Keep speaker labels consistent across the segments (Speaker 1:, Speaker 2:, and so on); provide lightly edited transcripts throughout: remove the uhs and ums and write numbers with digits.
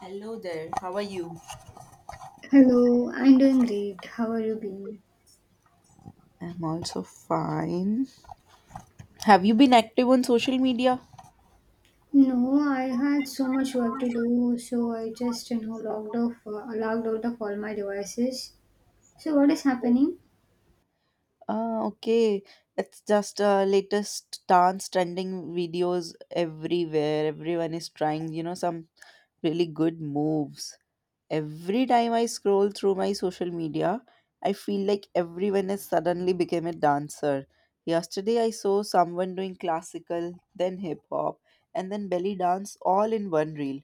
Speaker 1: Hello there, how are you?
Speaker 2: Hello, I'm doing great. How are you being?
Speaker 1: I'm also fine. Have you been active on social media?
Speaker 2: No, I had so much work to do, so I just logged logged out of all my devices. So what is happening?
Speaker 1: Ah, okay. It's just latest dance trending videos everywhere. Everyone is trying, some really good moves. Every time I scroll through my social media, I feel like everyone has suddenly become a dancer. Yesterday, I saw someone doing classical, then hip hop, and then belly dance all in one reel.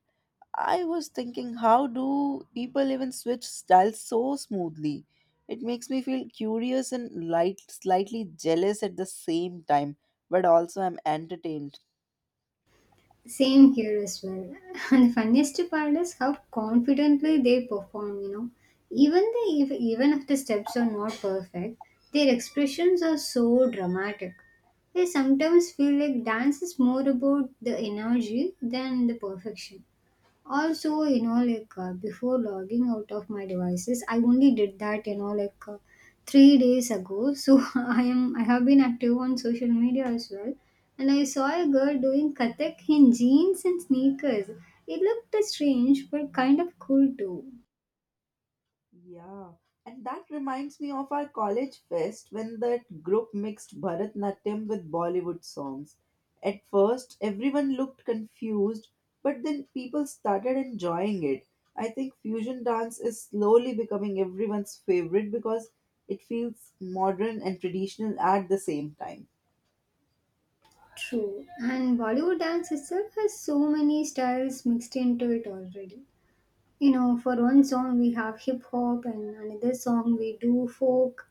Speaker 1: I was thinking, how do people even switch styles so smoothly? It makes me feel curious and light, slightly jealous at the same time, but also I'm entertained.
Speaker 2: Same here as well. And the funniest part is how confidently they perform. You know, even if the steps are not perfect, their expressions are so dramatic. They sometimes feel like dance is more about the energy than the perfection. Also, you know, before logging out of my devices, I only did that, you know, 3 days ago. So I have been active on social media as well, and I saw a girl doing Kathak in jeans and sneakers. It looked strange, but kind of cool too.
Speaker 1: Yeah, and that reminds me of our college fest when that group mixed Bharatnatyam with Bollywood songs. At first, everyone looked confused, but then people started enjoying it. I think fusion dance is slowly becoming everyone's favorite because it feels modern and traditional at the same time.
Speaker 2: True. And Bollywood dance itself has so many styles mixed into it already. You know, for one song we have hip hop, and another song we do folk,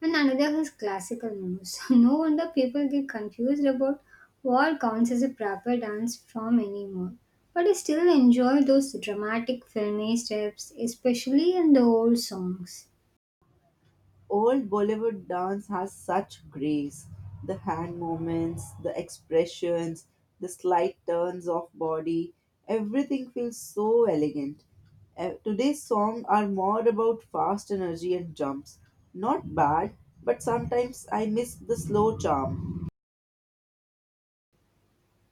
Speaker 2: and another has classical news. No wonder people get confused about what counts as a proper dance form anymore. But I still enjoy those dramatic filmy steps, especially in the old songs.
Speaker 1: Old Bollywood dance has such grace. The hand movements, the expressions, the slight turns of body, everything feels so elegant. Today's songs are more about fast energy and jumps. Not bad, but sometimes I miss the slow charm.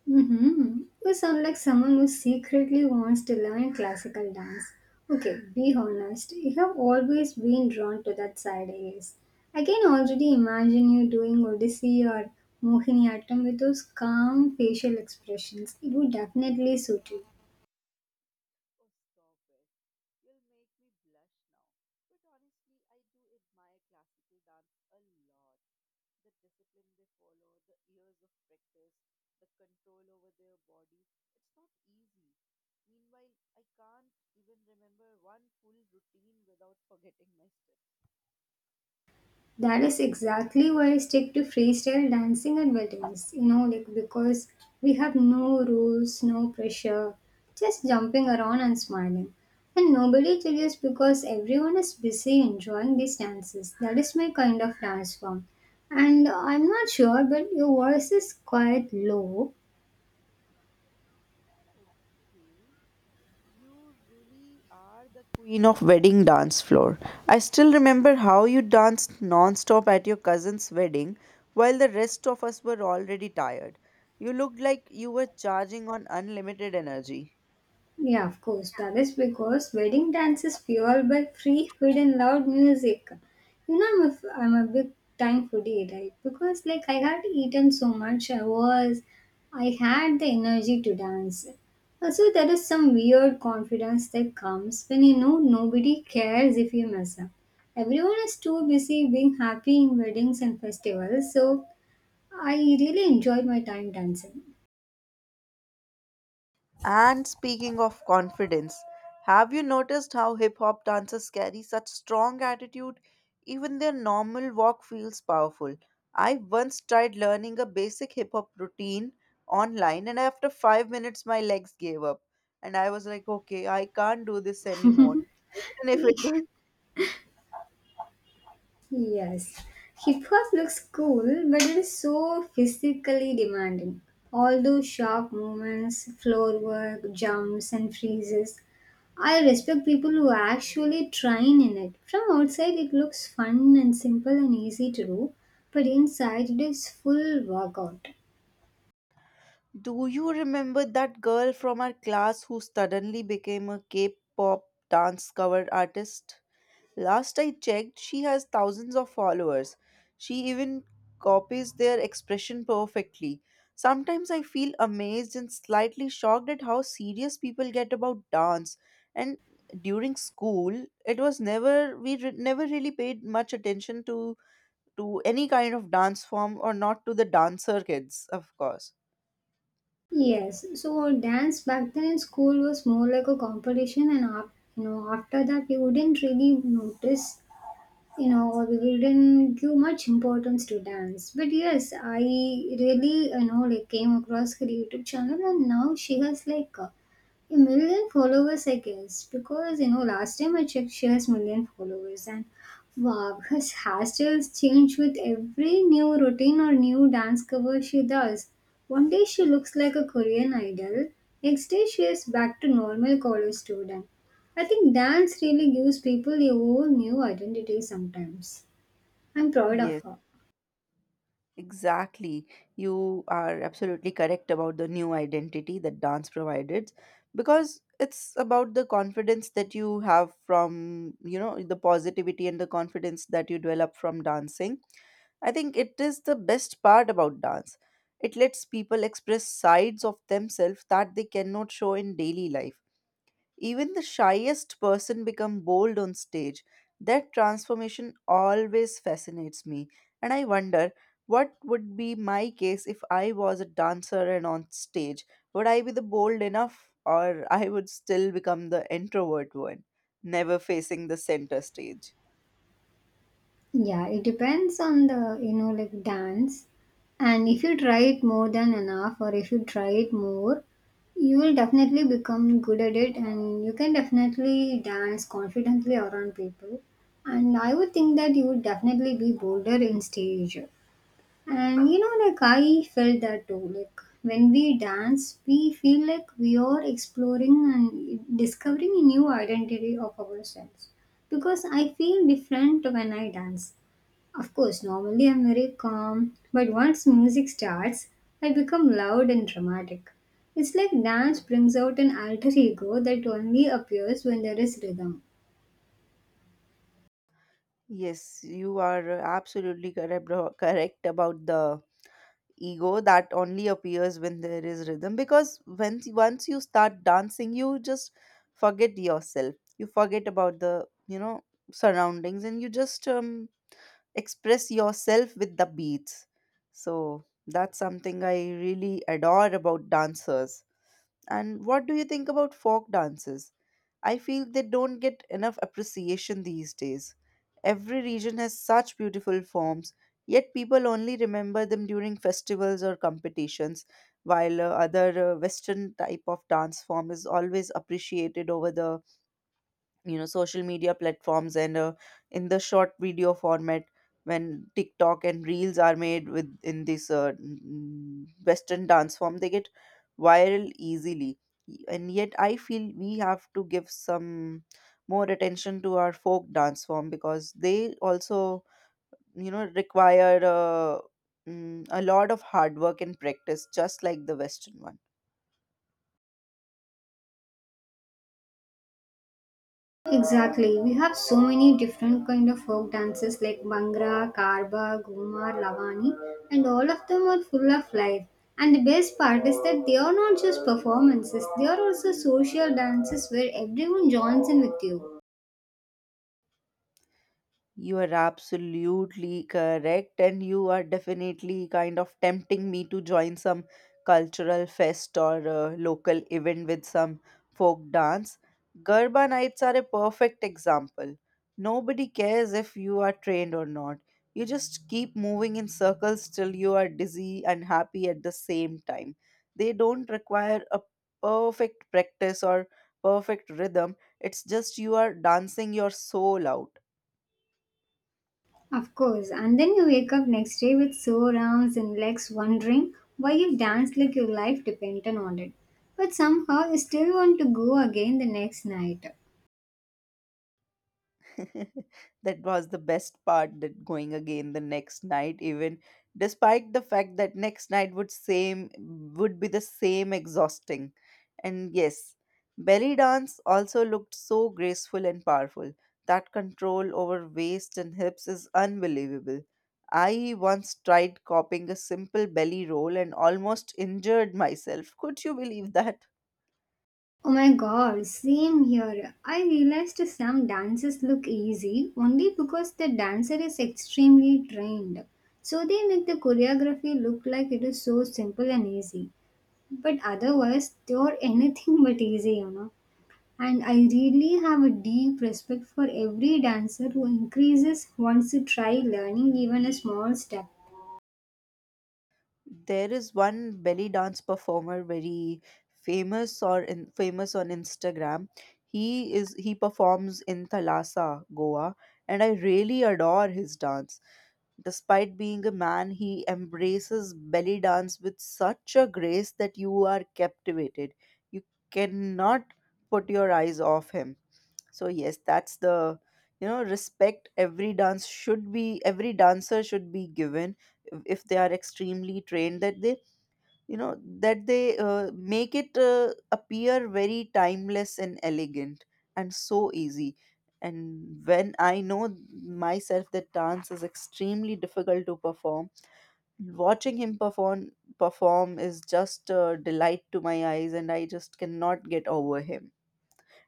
Speaker 2: Mm-hmm. You sound like someone who secretly wants to learn classical dance. Okay, be honest. You have always been drawn to that side, I guess. I can already imagine you doing Odyssey or Mohiniyattam with those calm facial expressions. It would definitely suit you.
Speaker 1: Oh, stop it. You'll make me blush now. But honestly, I do admire classical dance a lot. The discipline they follow, the years of practice, the control over their body. It's not easy. Meanwhile, I can't even remember one full routine without forgetting my steps.
Speaker 2: That is exactly why I stick to freestyle dancing and weddings. You know, because we have no rules, no pressure, just jumping around and smiling. And nobody judges because everyone is busy enjoying these dances. That is my kind of dance form. And I'm not sure, but your voice is quite low.
Speaker 1: Okay, you really are the queen of wedding dance floor. I still remember how you danced non-stop at your cousin's wedding while the rest of us were already tired. You looked like you were charging on unlimited energy.
Speaker 2: Yeah, of course. That is because wedding dance is fueled by free food and loud music. You know, I'm a big time foodie, right? Because like I had eaten so much, I had the energy to dance. Also, there is some weird confidence that comes when you know nobody cares if you mess up. Everyone is too busy being happy in weddings and festivals, so I really enjoyed my time dancing.
Speaker 1: And speaking of confidence, have you noticed how hip hop dancers carry such strong attitude? Even their normal walk feels powerful. I once tried learning a basic hip hop routine online, and after 5 minutes, my legs gave up. And I was like, okay, I can't do this anymore. Even if it will.
Speaker 2: Yes, hip hop looks cool, but it is so physically demanding. All those sharp movements, floor work, jumps, and freezes. I respect people who actually train in it. From outside, it looks fun and simple and easy to do, but inside, it is full workout.
Speaker 1: Do you remember that girl from our class who suddenly became a K pop dance cover artist? Last I checked, she has thousands of followers. She even copies their expression perfectly. Sometimes I feel amazed and slightly shocked at how serious people get about dance. And during school, it was never never really paid much attention to any kind of dance form, or not to the dancer kids, of course.
Speaker 2: Yes, so dance back then in school was more like a competition, and you know, after that, we wouldn't really notice. You know, we didn't give much importance to dance, but yes, I really, you know, like came across her YouTube channel, and now she has a million followers, I guess, because you know last time I checked she has million followers and wow. Her hairstyles change with every new routine or new dance cover she does. One day she looks like a Korean idol, next day she is back to normal college student. I think dance really gives people a whole new identity sometimes. I'm proud of
Speaker 1: Yes.
Speaker 2: her.
Speaker 1: Exactly. You are absolutely correct about the new identity that dance provided, because it's about the confidence that you have from, the positivity and the confidence that you develop from dancing. I think it is the best part about dance. It lets people express sides of themselves that they cannot show in daily life. Even the shyest person become bold on stage. That transformation always fascinates me, and I wonder what would be my case if I was a dancer and on stage. Would I be the bold enough, or I would still become the introvert one, never facing the center stage?
Speaker 2: Yeah, it depends on the, you know, like dance. And if you try it more than enough, or if you try it more, you will definitely become good at it and you can definitely dance confidently around people. And I would think that you would definitely be bolder in stage. And you know, like I felt that too. Like when we dance, we feel like we are exploring and discovering a new identity of ourselves. Because I feel different when I dance. Of course, normally I'm very calm, but once music starts, I become loud and dramatic. It's like dance brings out an alter ego that only appears when there is rhythm.
Speaker 1: Yes, you are absolutely correct about the ego that only appears when there is rhythm, because when once you start dancing, you just forget yourself. You forget about the surroundings, and you just express yourself with the beats. So that's something I really adore about dancers. And what do you think about folk dances? I feel they don't get enough appreciation these days. Every region has such beautiful forms, yet people only remember them during festivals or competitions, while other Western type of dance form is always appreciated over the social media platforms, and in the short video format. When TikTok and reels are made with in this Western dance form, they get viral easily. And yet I feel we have to give some more attention to our folk dance form, because they also require a lot of hard work and practice, just like the Western one.
Speaker 2: Exactly. We have so many different kind of folk dances like Bhangra, Karba, Gumar, Lavani, and all of them are full of life. And the best part is that they are not just performances, they are also social dances where everyone joins in with you.
Speaker 1: You are absolutely correct, and you are definitely kind of tempting me to join some cultural fest or local event with some folk dance. Garba nights are a perfect example. Nobody cares if you are trained or not. You just keep moving in circles till you are dizzy and happy at the same time. They don't require a perfect practice or perfect rhythm. It's just you are dancing your soul out.
Speaker 2: Of course, and then you wake up next day with sore arms and legs wondering why you danced like your life depended on it. But somehow you still want to go again the next night.
Speaker 1: That was the best part, that going again the next night, even despite the fact that next night would be the same exhausting. And yes, belly dance also looked so graceful and powerful. That control over waist and hips is unbelievable. I once tried copying a simple belly roll and almost injured myself. Could you believe that?
Speaker 2: Oh my god, same here. I realized some dances look easy only because the dancer is extremely trained. So they make the choreography look like it is so simple and easy. But otherwise, they are anything but easy, you know. And I really have a deep respect for every dancer who increases once to try learning even a small step.
Speaker 1: There is one belly dance performer, very famous, famous on Instagram. He performs in Thalassa Goa, and I really adore his dance. Despite being a man, he embraces belly dance with such a grace that you are captivated. You cannot put your eyes off him. So yes, that's the, you know, respect every dancer should be given. If they are extremely trained, you know that they make it appear very timeless and elegant and so easy. And when I know myself that dance is extremely difficult to perform, watching him perform is just a delight to my eyes, and I just cannot get over him.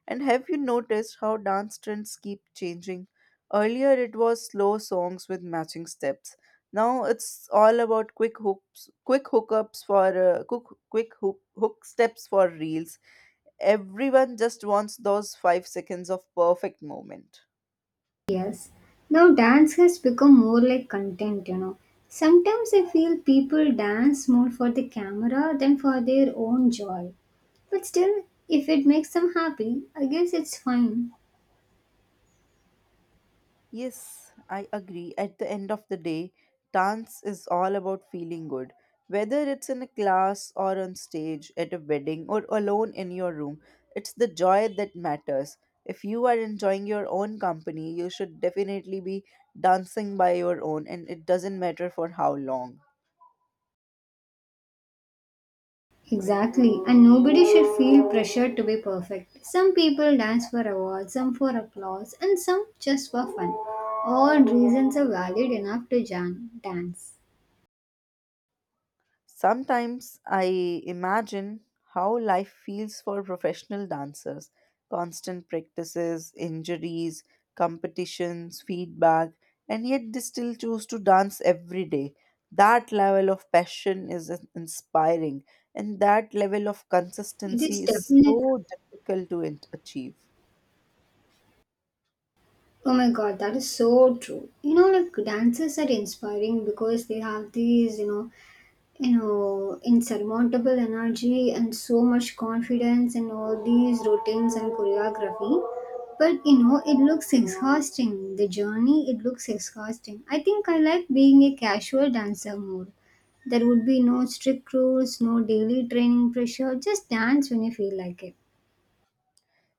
Speaker 1: And have you noticed how dance trends keep changing? Earlier it was slow songs with matching steps. Now it's all about quick hooks, quick hookups for quick quick hook, hook steps for reels. Everyone just wants those 5 seconds of perfect moment.
Speaker 2: Yes. Now dance has become more like content, you know. Sometimes I feel people dance more for the camera than for their own joy. But still, if it makes them happy, I guess it's fine.
Speaker 1: Yes, I agree. At the end of the day, dance is all about feeling good. Whether it's in a class or on stage, at a wedding, or alone in your room, it's the joy that matters. If you are enjoying your own company, you should definitely be dancing by your own, and it doesn't matter for how long.
Speaker 2: Exactly, and nobody should feel pressured to be perfect. Some people dance for awards, some for applause, and some just for fun. All reasons are valid enough to dance.
Speaker 1: Sometimes I imagine how life feels for professional dancers: constant practices, injuries, competitions, feedback, and yet they still choose to dance every day. That level of passion is inspiring, and that level of
Speaker 2: It is
Speaker 1: consistency is
Speaker 2: definitely.
Speaker 1: so difficult to achieve.
Speaker 2: Oh my god, that is so true. You know, like dancers are inspiring because they have these, insurmountable energy and so much confidence in all these routines and choreography. But you know, it looks exhausting. The journey, it looks exhausting. I think I like being a casual dancer more. There would be no strict rules, no daily training pressure. Just dance when you feel like it.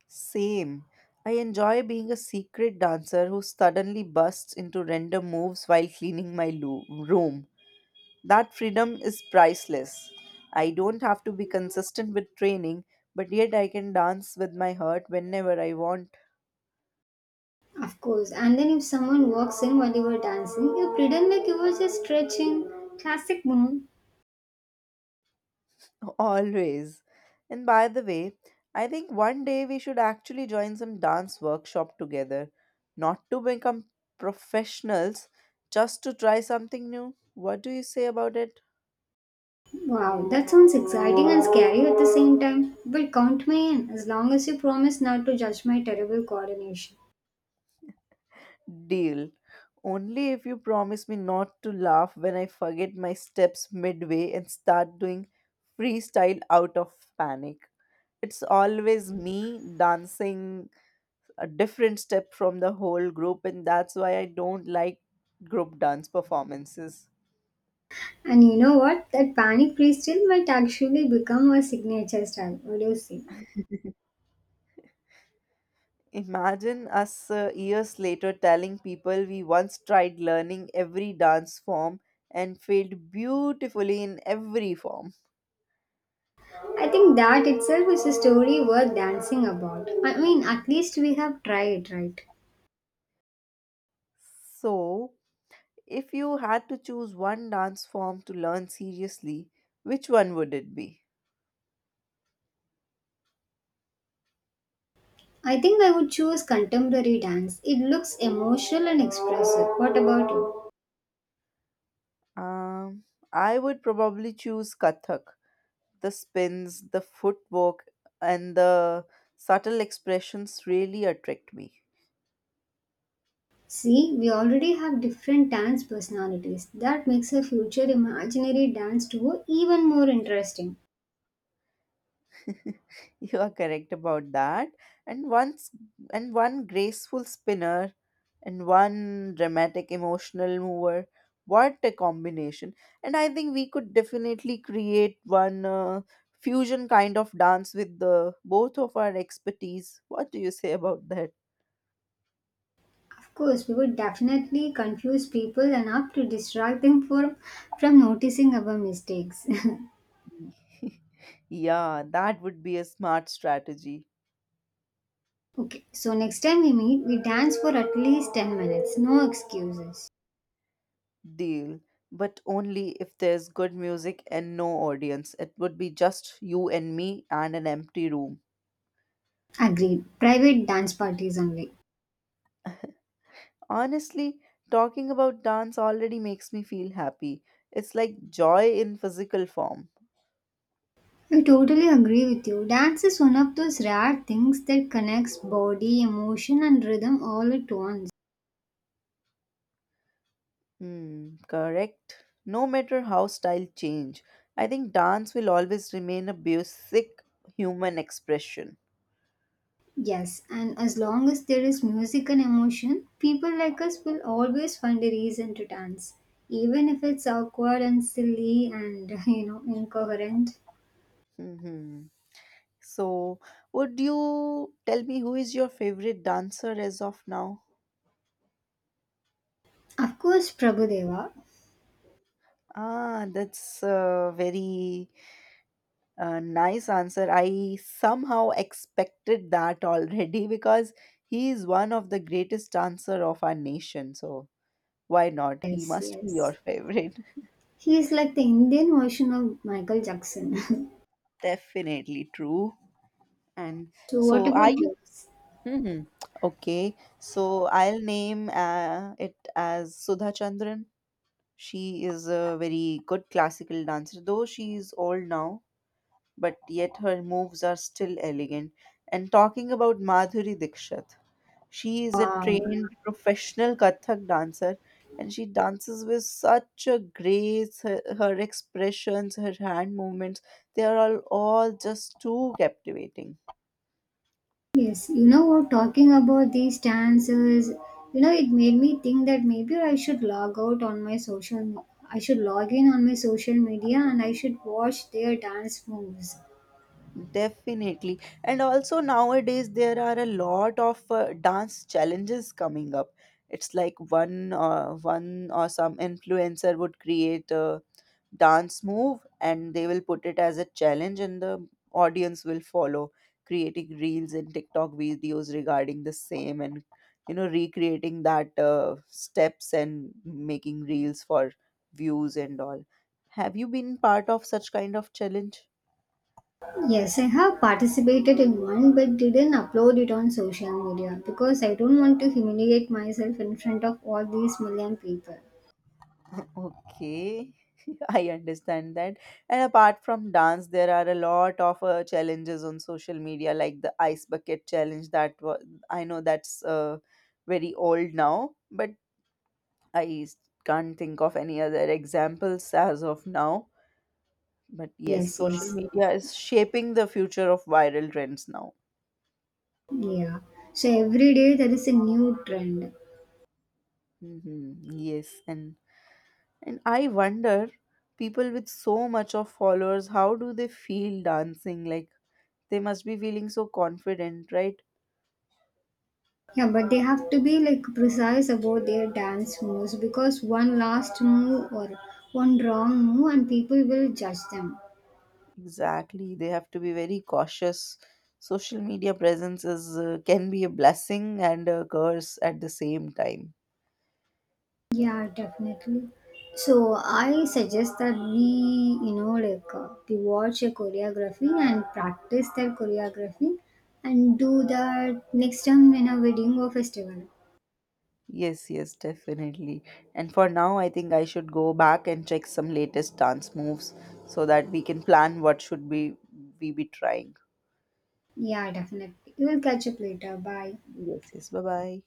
Speaker 1: Same. I enjoy being a secret dancer who suddenly busts into random moves while cleaning my room. That freedom is priceless. I don't have to be consistent with training, but yet I can dance with my heart whenever I want.
Speaker 2: Of course. And then if someone walks in while you were dancing, you pretend like you were just stretching. Classic move.
Speaker 1: Always. And by the way, I think one day we should actually join some dance workshop together, not to become professionals, just to try something new. What do you say about it?
Speaker 2: Wow, that sounds exciting and scary at the same time. Well, count me in as long as you promise not to judge my terrible coordination.
Speaker 1: Deal. Only if you promise me not to laugh when I forget my steps midway and start doing freestyle out of panic. It's always me dancing a different step from the whole group, and that's why I don't like group dance performances.
Speaker 2: And you know what? That panic freestyle might actually become a signature style. What do you say?
Speaker 1: Imagine us years later telling people we once tried learning every dance form and failed beautifully in every form.
Speaker 2: I think that itself is a story worth dancing about. I mean, at least we have tried, right?
Speaker 1: So, if you had to choose one dance form to learn seriously, which one would it be?
Speaker 2: I think I would choose contemporary dance. It looks emotional and expressive. What about you?
Speaker 1: Um, I would probably choose Kathak. The spins, the footwork, and the subtle expressions really attract me.
Speaker 2: See, we already have different dance personalities. That makes a future imaginary dance duo even more interesting.
Speaker 1: You are correct about that. And once and one graceful spinner and one dramatic emotional mover. What a combination. And I think we could definitely create one fusion kind of dance with the both of our expertise. What do you say about that?
Speaker 2: Of course, we would definitely confuse people enough to distract them from noticing our mistakes.
Speaker 1: Yeah, that would be a smart strategy.
Speaker 2: Okay, so next time we meet, we dance for at least 10 minutes. No excuses.
Speaker 1: Deal. But only if there's good music and no audience. It would be just you and me and an empty room.
Speaker 2: Agreed. Private dance parties only.
Speaker 1: Honestly, talking about dance already makes me feel happy. It's like joy in physical form.
Speaker 2: I totally agree with you. Dance is one of those rare things that connects body, emotion, and rhythm all at once.
Speaker 1: Hmm, correct. No matter how style change, I think dance will always remain a basic human expression.
Speaker 2: Yes, and as long as there is music and emotion, people like us will always find a reason to dance, even if it's awkward and silly and you know incoherent.
Speaker 1: Hmm. So, would you tell me who is your favorite dancer as of now?
Speaker 2: Of course, Prabhudeva.
Speaker 1: Ah, that's a very nice answer. I somehow expected that already. Because he is one of the greatest dancer of our nation. So why not? He
Speaker 2: Yes,
Speaker 1: must be
Speaker 2: yes.
Speaker 1: your favorite.
Speaker 2: He is like the Indian version of Michael Jackson.
Speaker 1: Definitely true. And
Speaker 2: So, what
Speaker 1: so are
Speaker 2: about
Speaker 1: you?
Speaker 2: yours?
Speaker 1: Hmm, hmm. Okay. So I'll name it as Sudha Chandran. She is a very good classical dancer, though she is old now, but yet her moves are still elegant. And talking about Madhuri Dixit. She is a trained professional Kathak dancer, and she dances with such a grace. Her expressions, her hand movements, they are all just too captivating.
Speaker 2: Yes, you know what, talking about these dances, you know, it made me think that maybe I should log in on my social media and I should watch their dance moves.
Speaker 1: Definitely. And also nowadays there are a lot of dance challenges coming up. It's like one or some influencer would create a dance move, and they will put it as a challenge, and the audience will follow, creating reels and TikTok videos regarding the same, and you know, recreating that steps and making reels for views and all. Have you been part of such kind of challenge?
Speaker 2: Yes, I have participated in one but didn't upload it on social media because I don't want to humiliate myself in front of all these million people.
Speaker 1: Okay. I understand that. And apart from dance, there are a lot of challenges on social media, like the ice bucket challenge. That was, I know that's very old now, but I s- can't think of any other examples as of now. But yes,
Speaker 2: Yes,
Speaker 1: social
Speaker 2: yes.
Speaker 1: media is shaping the future of viral trends now.
Speaker 2: Yeah. So every day there is a new trend.
Speaker 1: Hmm. Yes, and I wonder, people with so much of followers, how do they feel dancing? Like they must be feeling so confident, right?
Speaker 2: Yeah, but they have to be like precise about their dance moves because one last move or one wrong move and people will judge them.
Speaker 1: Exactly, they have to be very cautious. Social media presence is can be a blessing and a curse at the same time.
Speaker 2: Yeah, definitely. So I suggest that we, you know, we watch a choreography and practice that choreography and do that next time in a wedding or festival.
Speaker 1: Yes, yes, definitely. And for now, I think I should go back and check some latest dance moves, so that we can plan what should be we be trying.
Speaker 2: Yeah, definitely. We'll catch up later. Bye.
Speaker 1: Yes, yes. Bye bye.